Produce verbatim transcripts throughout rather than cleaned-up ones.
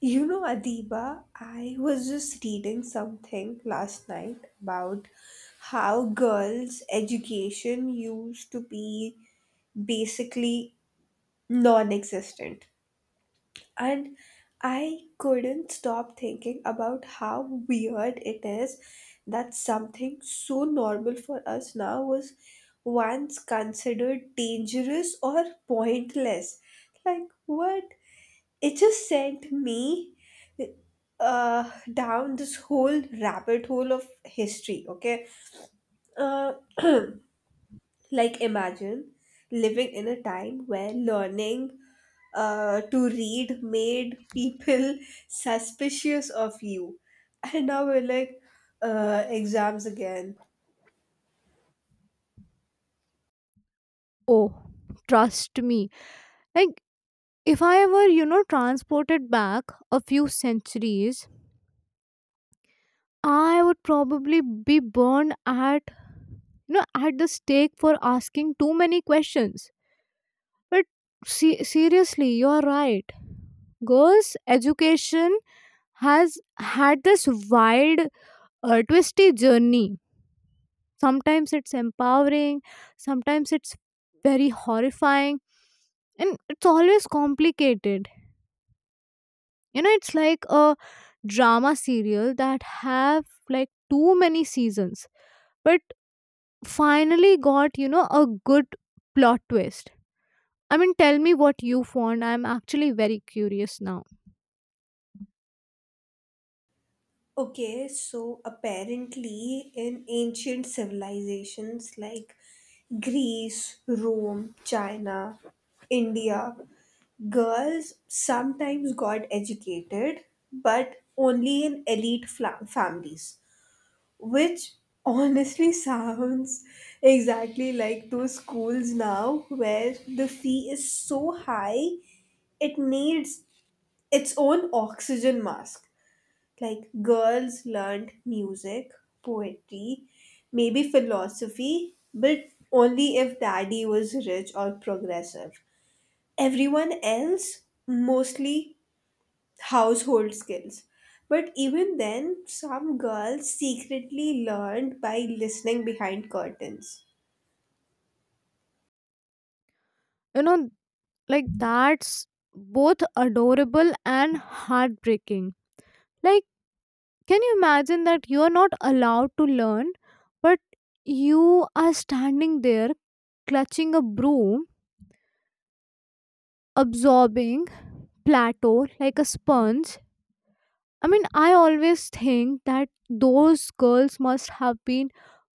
You know, Adiba, I was just reading something last night about how girls' education used to be basically non existent. And I couldn't stop thinking about how weird it is that something so normal for us now was once considered dangerous or pointless. Like, what? It just sent me uh, down this whole rabbit hole of history. Okay, uh, like imagine living in a time where learning uh, to read made people suspicious of you, and now we're like uh, exams again. Oh, trust me. Like, if I were, you know, transported back a few centuries, I would probably be burned at, you know, at the stake for asking too many questions. But se- seriously, you're right. Girls' education has had this wild, uh, twisty journey. Sometimes it's empowering, sometimes it's very horrifying, and it's always complicated. You know, it's like a drama serial that have like too many seasons but finally got, you know, a good plot twist. I mean, tell me what you found. I'm actually very curious now. Okay, so apparently in ancient civilizations like Greece, Rome, China, India, girls sometimes got educated, but only in elite fla- families, which honestly sounds exactly like those schools now where the fee is so high it needs its own oxygen mask. Like girls learned music, poetry, maybe philosophy, but only if daddy was rich or progressive. Everyone else, mostly household skills, but even then some girls secretly learned by listening behind curtains. You know, like, that's both adorable and heartbreaking. Like, can you imagine that you are not allowed to learn, but you are standing there clutching a broom, absorbing plateau like a sponge? I mean, I always think that those girls must have been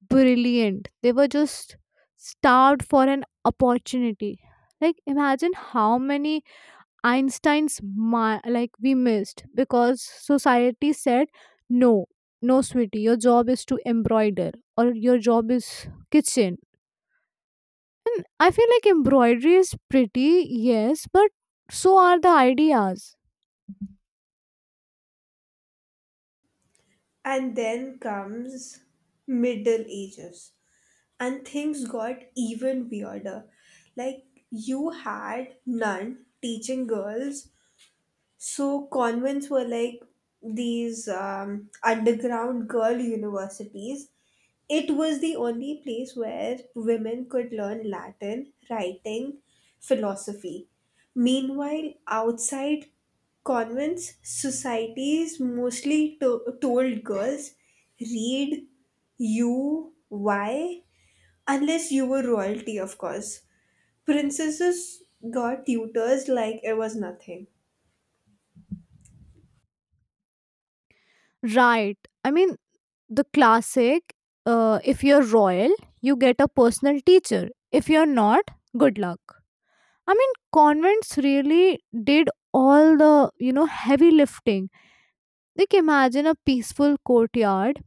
brilliant. They were just starved for an opportunity. Like, imagine how many Einstein's ma- like we missed because society said no, no sweetie, your job is to embroider or your job is kitchen. And I feel like embroidery is pretty, yes, but so are the ideas. And then comes middle ages, and things got even weirder. Like you had none teaching girls. So convents were like these um, underground girl universities. It was the only place where women could learn Latin, writing, philosophy. Meanwhile, outside convents, societies mostly to- told girls, read U Y unless you were royalty, of course. Princesses got tutors like it was nothing. Right. I mean the classic, uh, if you're royal, you get a personal teacher. If you're not, good luck. I mean convents really did all the, you know, heavy lifting. Like imagine a peaceful courtyard,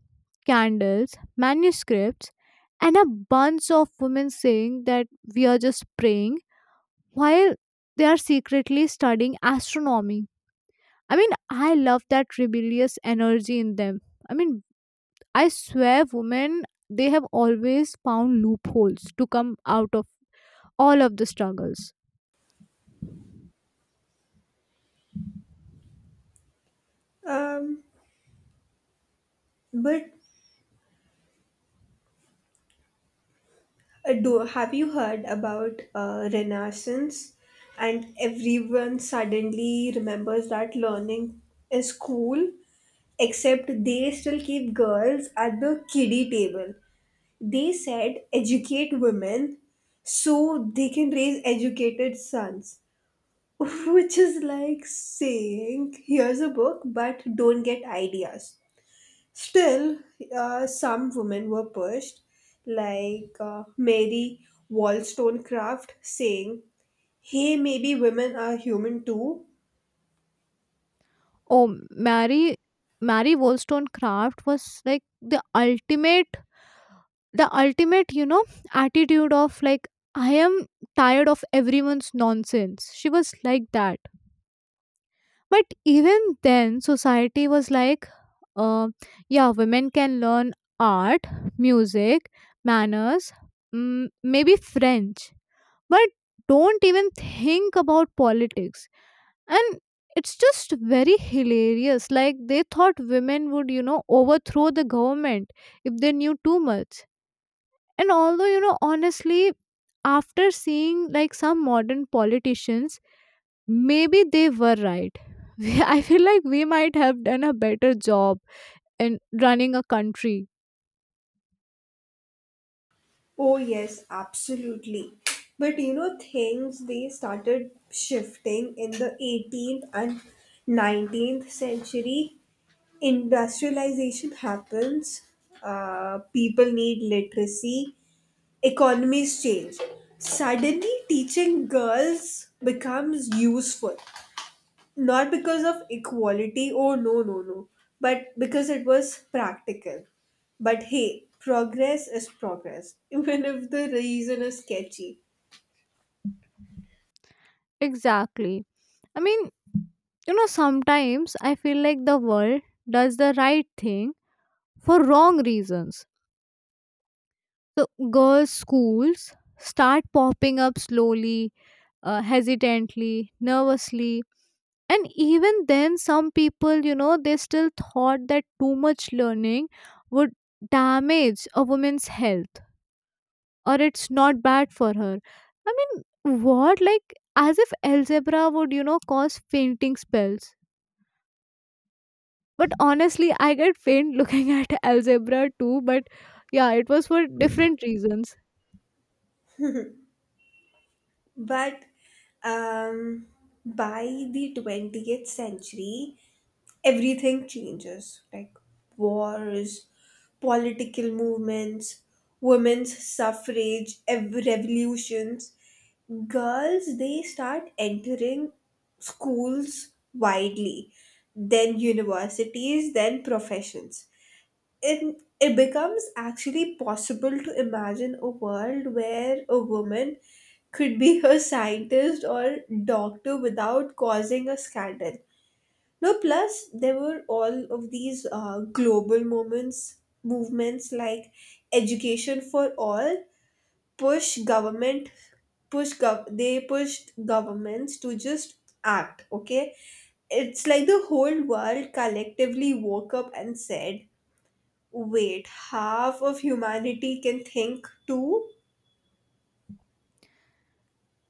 candles, manuscripts, and a bunch of women saying that we are just praying while they are secretly studying astronomy. I mean, I love that rebellious energy in them. I mean, I swear, women, they have always found loopholes to come out of all of the struggles. Um, but Uh, do have you heard about uh, Renaissance? And everyone suddenly remembers that learning is cool, except they still keep girls at the kiddie table. They said educate women so they can raise educated sons, which is like saying here's a book, but don't get ideas. Still, uh, some women were pushed, like uh, Mary Wollstonecraft saying, "Hey, maybe women are human too." Oh, Mary, Mary Wollstonecraft was like the ultimate the ultimate you know attitude of like I am tired of everyone's nonsense. She was like that, but even then society was like, uh, yeah, women can learn art, music, manners, mm, maybe French, but don't even think about politics. And it's just very hilarious, like they thought women would, you know, overthrow the government if they knew too much. And although, you know, honestly, after seeing like some modern politicians, maybe they were right. We- I feel like we might have done a better job in running a country. Oh, yes, absolutely. But you know, things they started shifting in the eighteenth and nineteenth century. Industrialization happens, uh, people need literacy, economies change. Suddenly, teaching girls becomes useful. Not because of equality, oh no, no, no, but because it was practical. But hey, progress is progress, even if the reason is sketchy. Exactly. I mean, you know, sometimes I feel like the world does the right thing for wrong reasons. So girls schools start popping up slowly, uh, hesitantly, nervously. And even then some people, you know, they still thought that too much learning would damage a woman's health or it's not bad for her. I mean, what, like as if algebra would, you know, cause fainting spells. But honestly, I get faint looking at algebra too, but yeah, it was for different reasons. But um, by the twentieth century, everything changes, like wars, political movements, women's suffrage, ev- revolutions. Girls, they start entering schools widely, then universities, then professions. It, it becomes actually possible to imagine a world where a woman could be a scientist or doctor without causing a scandal. No, plus there were all of these uh, global moments, movements like education for all, push government, push gov- they pushed governments to just act. Okay, it's like the whole world collectively woke up and said, "Wait, half of humanity can think too."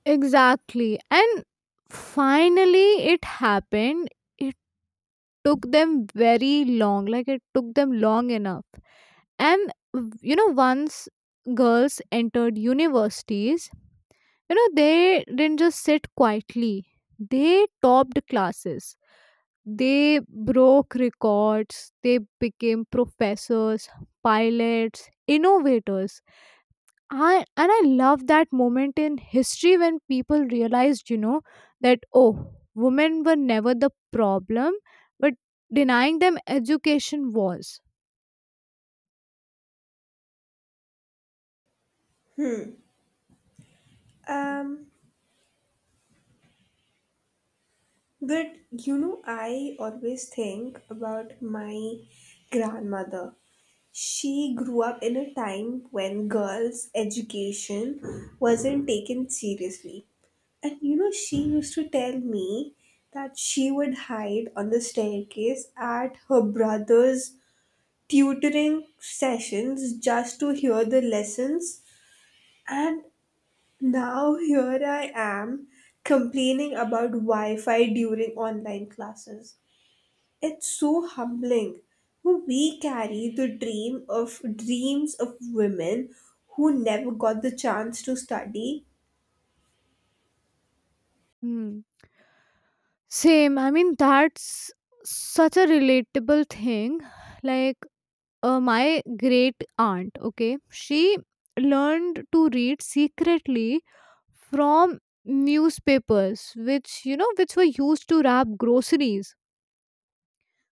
Exactly. And finally it happened. It took them very long. Like it took them long enough. And you know, once girls entered universities, you know, they didn't just sit quietly. They topped classes, they broke records, they became professors, pilots, innovators. I, and i love that moment in history when people realized, you know, that oh, women were never the problem, but denying them education was. Um, but you know, I always think about my grandmother. She grew up in a time when girls' education wasn't taken seriously. And you know, she used to tell me that she would hide on the staircase at her brother's tutoring sessions just to hear the lessons. And now here I am complaining about Wi Fi during online classes. It's so humbling. We carry the dream of dreams of women who never got the chance to study, Hmm. Same. I mean, that's such a relatable thing. Like, uh, my great aunt, okay, she learned to read secretly from newspapers, which, you know, which were used to wrap groceries.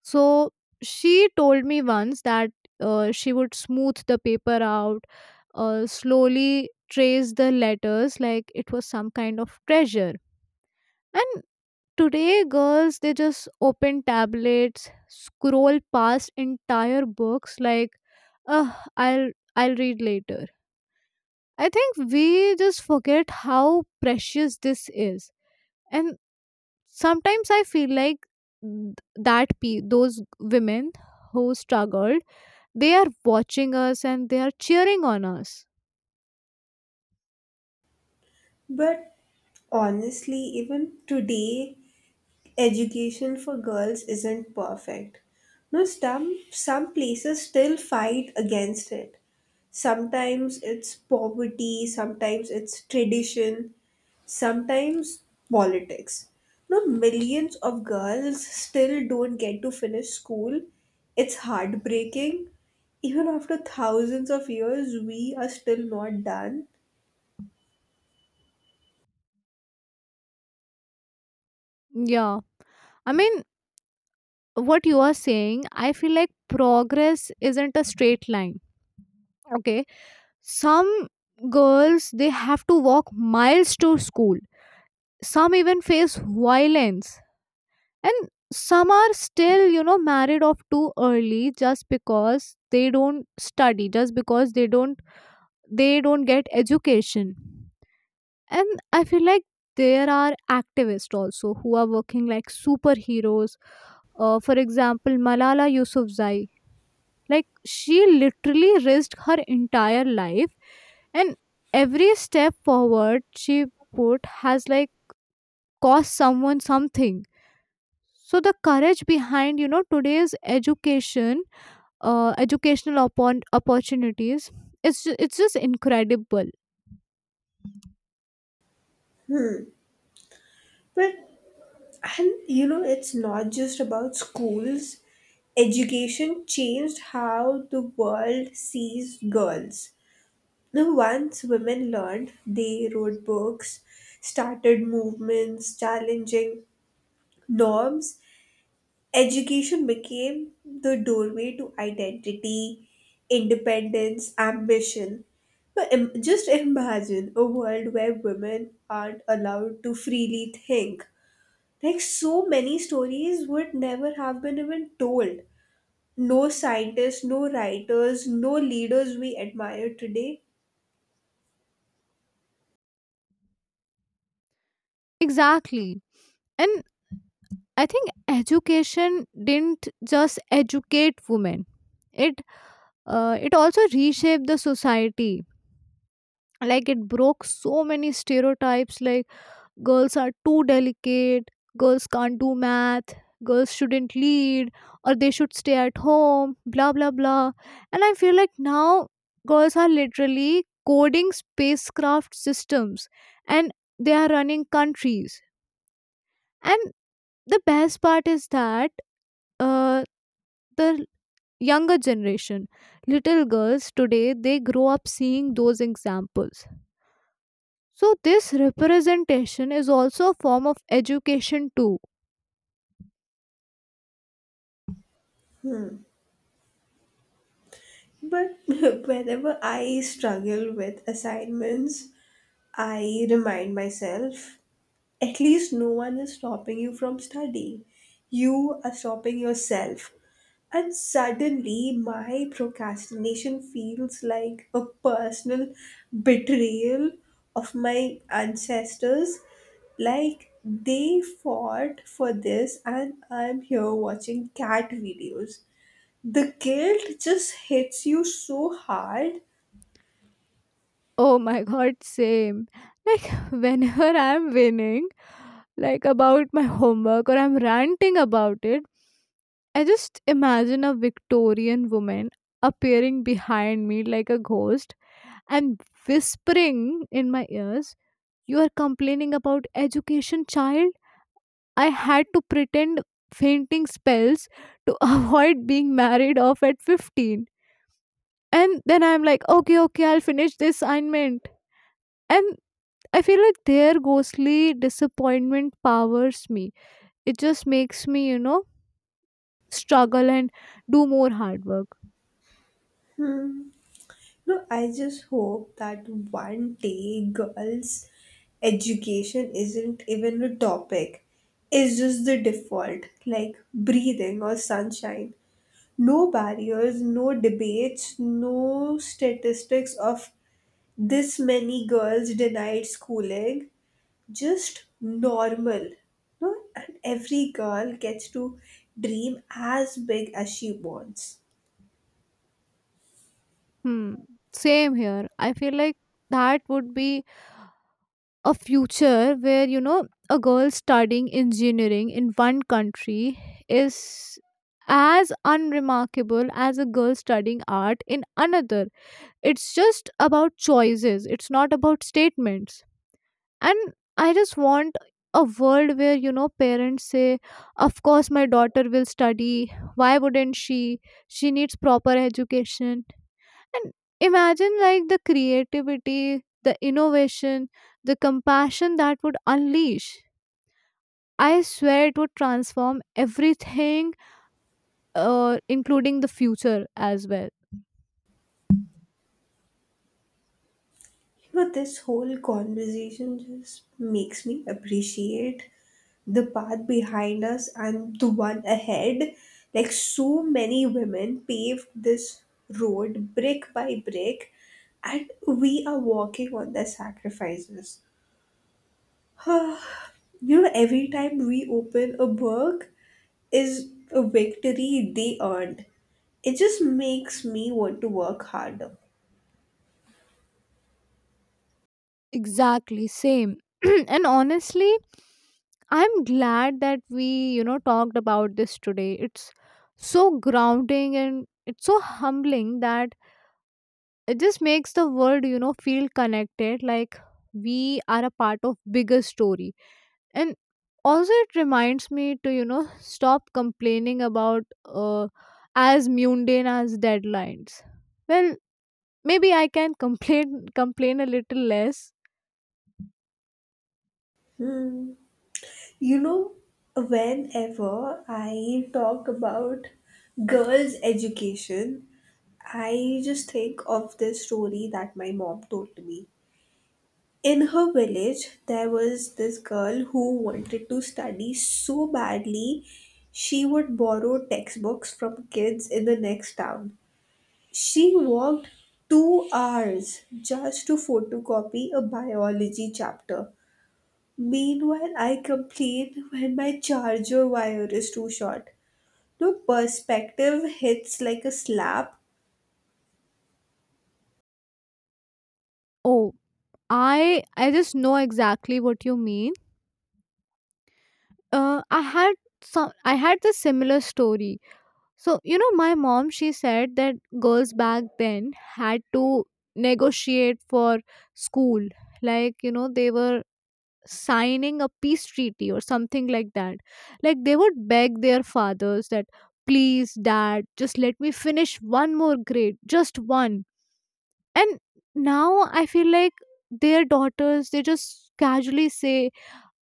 So, she told me once that uh, she would smooth the paper out, uh, slowly trace the letters like it was some kind of treasure. And. Today, girls they just open tablets, scroll past entire books like, "Ugh, I'll I'll read later." I think we just forget how precious this is, and sometimes I feel like th- that pe- those women who struggled, they are watching us and they are cheering on us. but honestly, even today, education for girls isn't perfect. No, some, some places still fight against it. Sometimes it's poverty, sometimes it's tradition, sometimes politics. No, millions of girls still don't get to finish school. It's heartbreaking. Even after thousands of years, we are still not done. Yeah, I mean, what you are saying, I feel like progress isn't a straight line. Okay, some girls they have to walk miles to school. Some even face violence, and some are still, you know, married off too early just because they don't study, just because they don't they don't get education. And I feel like there are activists also who are working like superheroes, uh, for example Malala Yousafzai. Like she literally risked her entire life, and every step forward she put has like cost someone something. So the courage behind, you know, today's education, uh, educational oppor- opportunities, it's ju- it's just incredible. But And you know, it's not just about schools. Education changed how the world sees girls. Now, once women learned, they wrote books, started movements, challenging norms. Education became the doorway to identity, independence, ambition. But im- just imagine a world where women aren't allowed to freely think, like so many stories would never have been even told. No scientists, no writers, no leaders we admire today. Exactly. And I think education didn't just educate women. It uh, it also reshaped the society. Like it broke so many stereotypes, like girls are too delicate, girls can't do math, girls shouldn't lead, or they should stay at home, blah blah blah. And I feel like now girls are literally coding spacecraft systems, and they are running countries. And the best part is that, uh, the younger generation, little girls today, they grow up seeing those examples. So this representation is also a form of education too. But whenever I struggle with assignments, I remind myself at least no one is stopping you from studying. You are stopping yourself. And suddenly, my procrastination feels like a personal betrayal of my ancestors. Like they fought for this, and I'm here watching cat videos. The guilt just hits you so hard. Oh my god, same. Like, whenever I'm winning, like about my homework or I'm ranting about it, I just imagine a Victorian woman appearing behind me like a ghost and whispering in my ears, "You are complaining about education, child? I had to pretend fainting spells to avoid being married off at fifteen" And then I'm like, okay, okay, I'll finish this assignment. And I feel like their ghostly disappointment powers me. It just makes me, you know, struggle and do more hard work. Hmm. No, I just hope that one day girls' education isn't even a topic. It's just the default, like breathing or sunshine. No barriers, no debates, no statistics of this many girls denied schooling. Just normal. No? And every girl gets to dream as big as she wants. Hmm. Same here. I feel like that would be a future where, you know, a girl studying engineering in one country is as unremarkable as a girl studying art in another. It's just about choices, it's not about statements. And I just want a world where, you know, parents say of course my daughter will study, why wouldn't she she needs proper education. And imagine like the creativity, the innovation, the compassion that would unleash. I swear it would transform everything, uh, including the future as well. You know, this whole conversation just makes me appreciate the path behind us and the one ahead. Like, so many women paved this road brick by brick, and we are walking on their sacrifices. You know, every time we open a book is a victory they earned. It just makes me want to work harder. Exactly, same. And honestly, I'm glad that we, you know, talked about this today. It's so grounding and it's so humbling that it just makes the world, you know, feel connected, like we are a part of bigger story. And also it reminds me to, you know, stop complaining about uh, as mundane as deadlines. Well, maybe I can complain complain a little less. Hmm. You know, whenever I talk about girls' education, I just think of this story that my mom told me. In her village, there was this girl who wanted to study so badly, she would borrow textbooks from kids in the next town. She worked two hours just to photocopy a biology chapter. Meanwhile, I complain when my charger wire is too short. No perspective hits like a slap. Oh, I I just know exactly what you mean. Uh, I had some I had the similar story. So you know, my mom she said that girls back then had to negotiate for school, like you know they were signing a peace treaty or something like that. Like they would beg their fathers that please, dad, just let me finish one more grade, just one. And now I feel like their daughters they just casually say,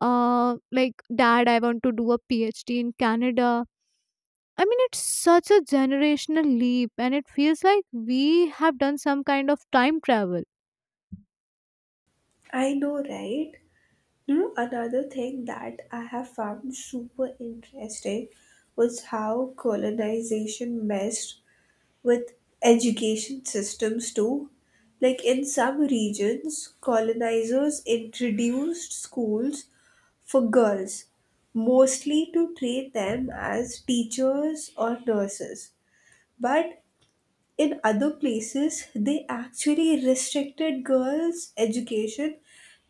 uh, like, dad, I want to do a PhD in Canada. I mean, it's such a generational leap and it feels like we have done some kind of time travel. I know, right? You know, another thing that I have found super interesting was how colonization messed with education systems too. Like in some regions, colonizers introduced schools for girls, mostly to train them as teachers or nurses. But in other places, they actually restricted girls' education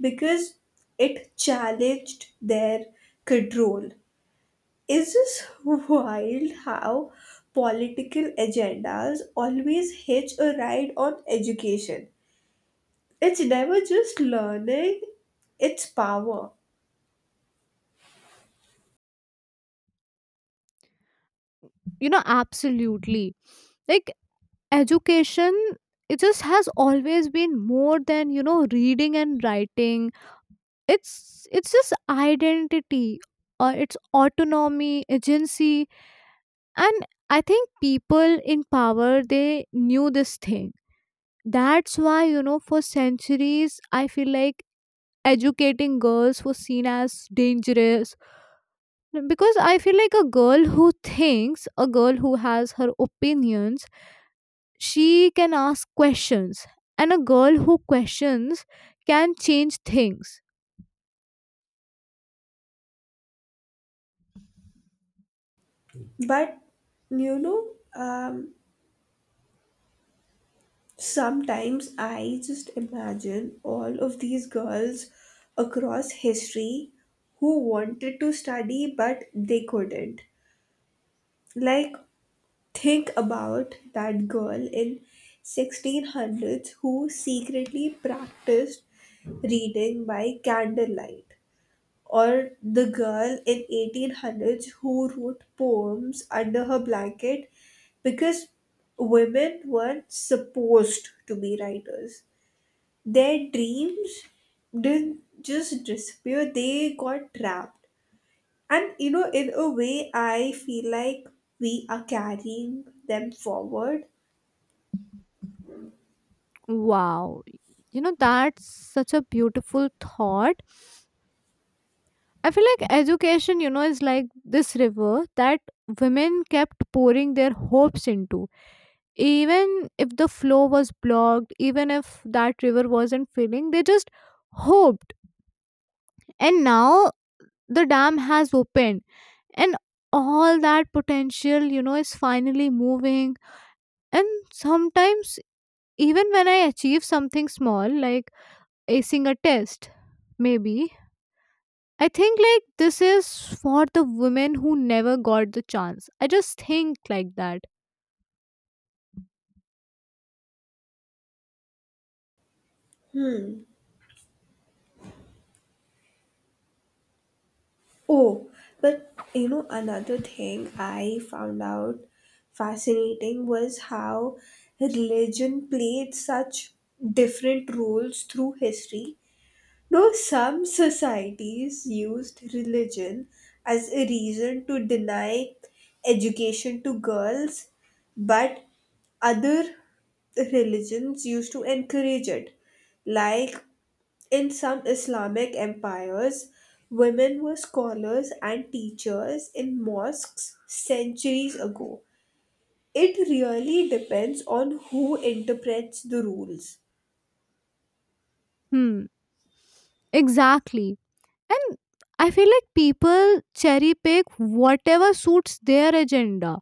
because it challenged their control. Is this wild how political agendas always hitch a ride on education? It's never just learning, it's power. You know, absolutely. Like education, it just has always been more than, you know, reading and writing. It's it's just identity, or it's autonomy, agency. And I think people in power, they knew this thing. That's why, you know, for centuries, I feel like educating girls was seen as dangerous. Because I feel like a girl who thinks, a girl who has her opinions, she can ask questions. And a girl who questions can change things. But you know, um, sometimes I just imagine all of these girls across history who wanted to study but they couldn't. Like think about that girl in sixteen hundreds who secretly practiced reading by candlelight, or the girl in eighteen hundreds who wrote poems under her blanket because women weren't supposed to be writers. Their dreams didn't just disappear, they got trapped. And you know, in a way, I feel like we are carrying them forward. Wow. You know, that's such a beautiful thought. I feel like education, you know, is like this river that women kept pouring their hopes into, even if the flow was blocked, even if that river wasn't filling, they just hoped. And now the dam has opened, and all that potential, you know, is finally moving. And sometimes even when I achieve something small, like acing a test, maybe I think like this is for the women who never got the chance. I just think like that. Hmm. Oh, but you know, another thing I found out fascinating was how religion played such different roles through history. Though some societies used religion as a reason to deny education to girls, but other religions used to encourage it. Like in some Islamic empires, women were scholars and teachers in mosques centuries ago. It really depends on who interprets the rules. Hmm, exactly. And I feel like people cherry pick whatever suits their agenda.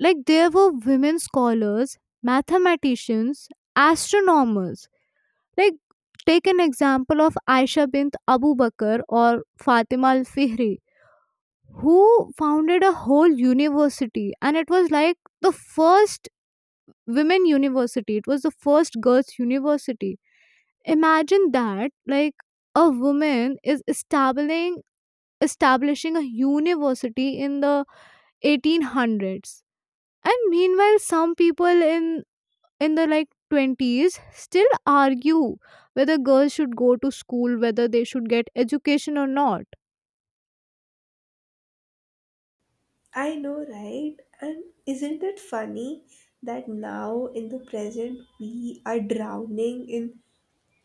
Like there were women scholars, mathematicians, astronomers. Like take an example of Aisha bint Abu Bakr or Fatima al-Fihri who founded a whole university, and it was like the first women university. It was the first girls university. Imagine that, like a woman is establishing establishing a university in the eighteen hundreds, and meanwhile some people in in the like twenties still argue whether girls should go to school, whether they should get education or not. I know, right? And isn't it funny that now in the present we are drowning in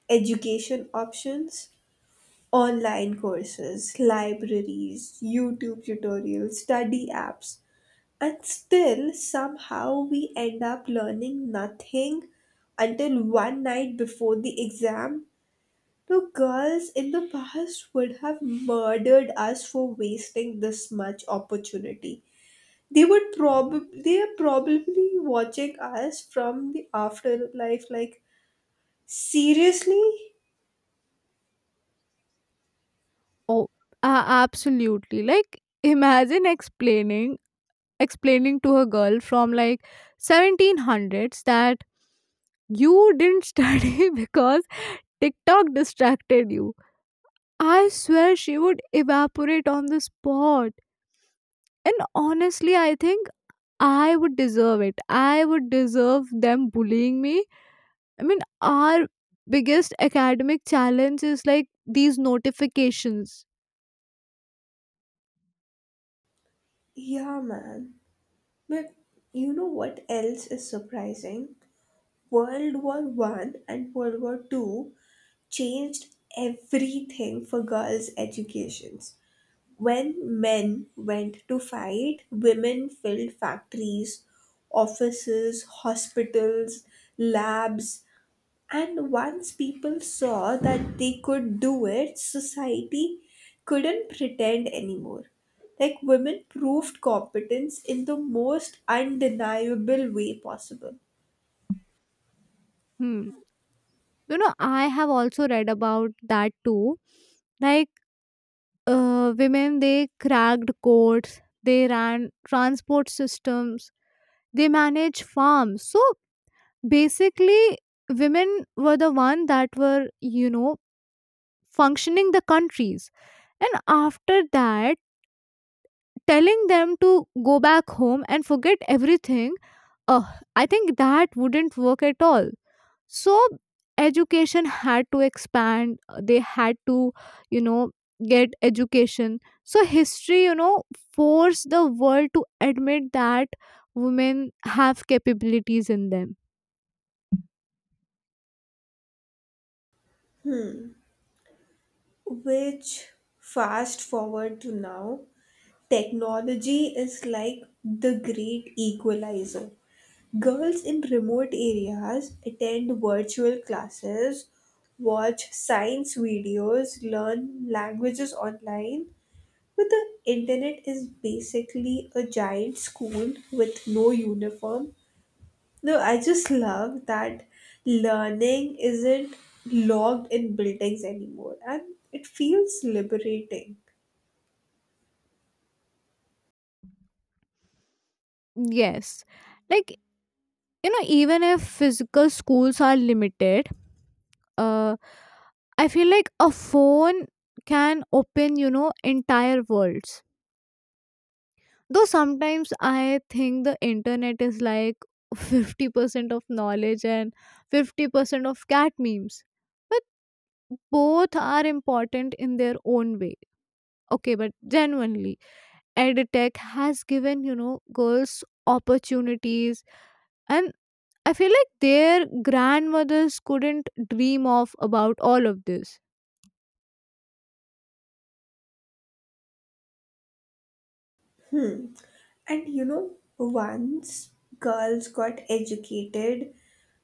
education options? Online courses, libraries, YouTube tutorials, study apps. And still, somehow, we end up learning nothing until one night before the exam. The girls in the past would have murdered us for wasting this much opportunity. They would probably they are probably watching us from the afterlife like, seriously. Oh, a- absolutely. Like imagine explaining explaining to a girl from like seventeen hundreds that you didn't study because TikTok distracted you. I swear she would evaporate on the spot. And honestly, I think I would deserve it. I would deserve them bullying me. I mean, our biggest academic challenge is like these notifications. Yeah, man. But you know what else is surprising, world war I and world war II changed everything for girls educations. When men went to fight, women filled factories, offices, hospitals, labs. And once people saw that they could do it, society couldn't pretend anymore. Like women proved competence in the most undeniable way possible. Hmm. You know, I have also read about that too. Like, uh, women, they cracked codes, they ran transport systems, they managed farms. So basically, women were the one that were, you know, functioning the countries. And after that, telling them to go back home and forget everything, uh, I think that wouldn't work at all. So, education had to expand, uh, they had to, you know, get education. So, history, you know, forced the world to admit that women have capabilities in them. Which, fast forward to now, technology is like the great equalizer. Girls in remote areas attend virtual classes, watch science videos, learn languages online, but the internet is basically a giant school with no uniform. No, I just love that learning isn't logged in buildings anymore, and it feels liberating. Yes. Like, you know, even if physical schools are limited, uh I feel like a phone can open, you know, entire worlds. Though sometimes I think the internet is like fifty percent of knowledge and fifty percent of cat memes, but both are important in their own way. Okay, but genuinely edtech has given, you know, girls opportunities, and I feel like their grandmothers couldn't dream of about all of this. Hmm. And you know, once girls got educated,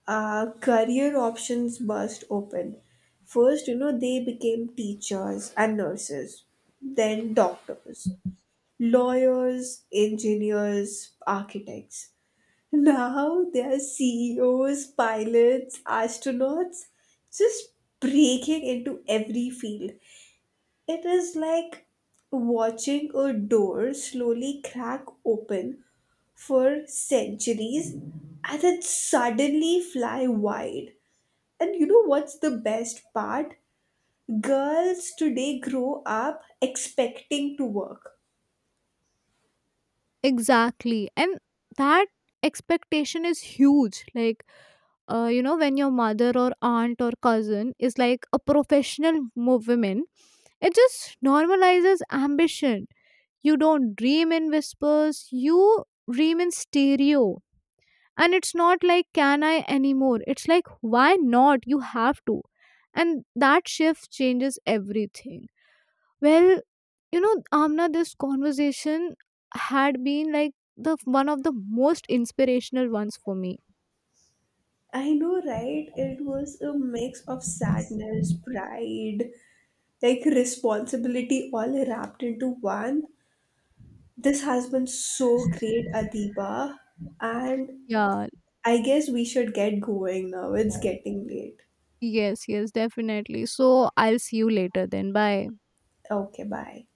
uh, career options burst open. First, you know, they became teachers and nurses, then doctors, lawyers, engineers, architects. Now they are C E Os, pilots, astronauts, just breaking into every field. It is like watching a door slowly crack open for centuries and then suddenly fly wide. And you know what's the best part? Girls today grow up expecting to work. Exactly. And that expectation is huge. Like, uh, you know, when your mother or aunt or cousin is like a professional mo- woman, it just normalizes ambition. You don't dream in whispers, you dream in stereo. And it's not like, can I anymore? It's like, why not? You have to. And that shift changes everything. Well, you know, Amna, this conversation had been like the one of the most inspirational ones for me. I know, right? It was a mix of sadness, pride, like responsibility all wrapped into one. This has been so great, Adiba. And Yeah, I guess we should get going now. It's getting late. yes, yes, definitely. So I'll see you later then. Bye. Okay, bye.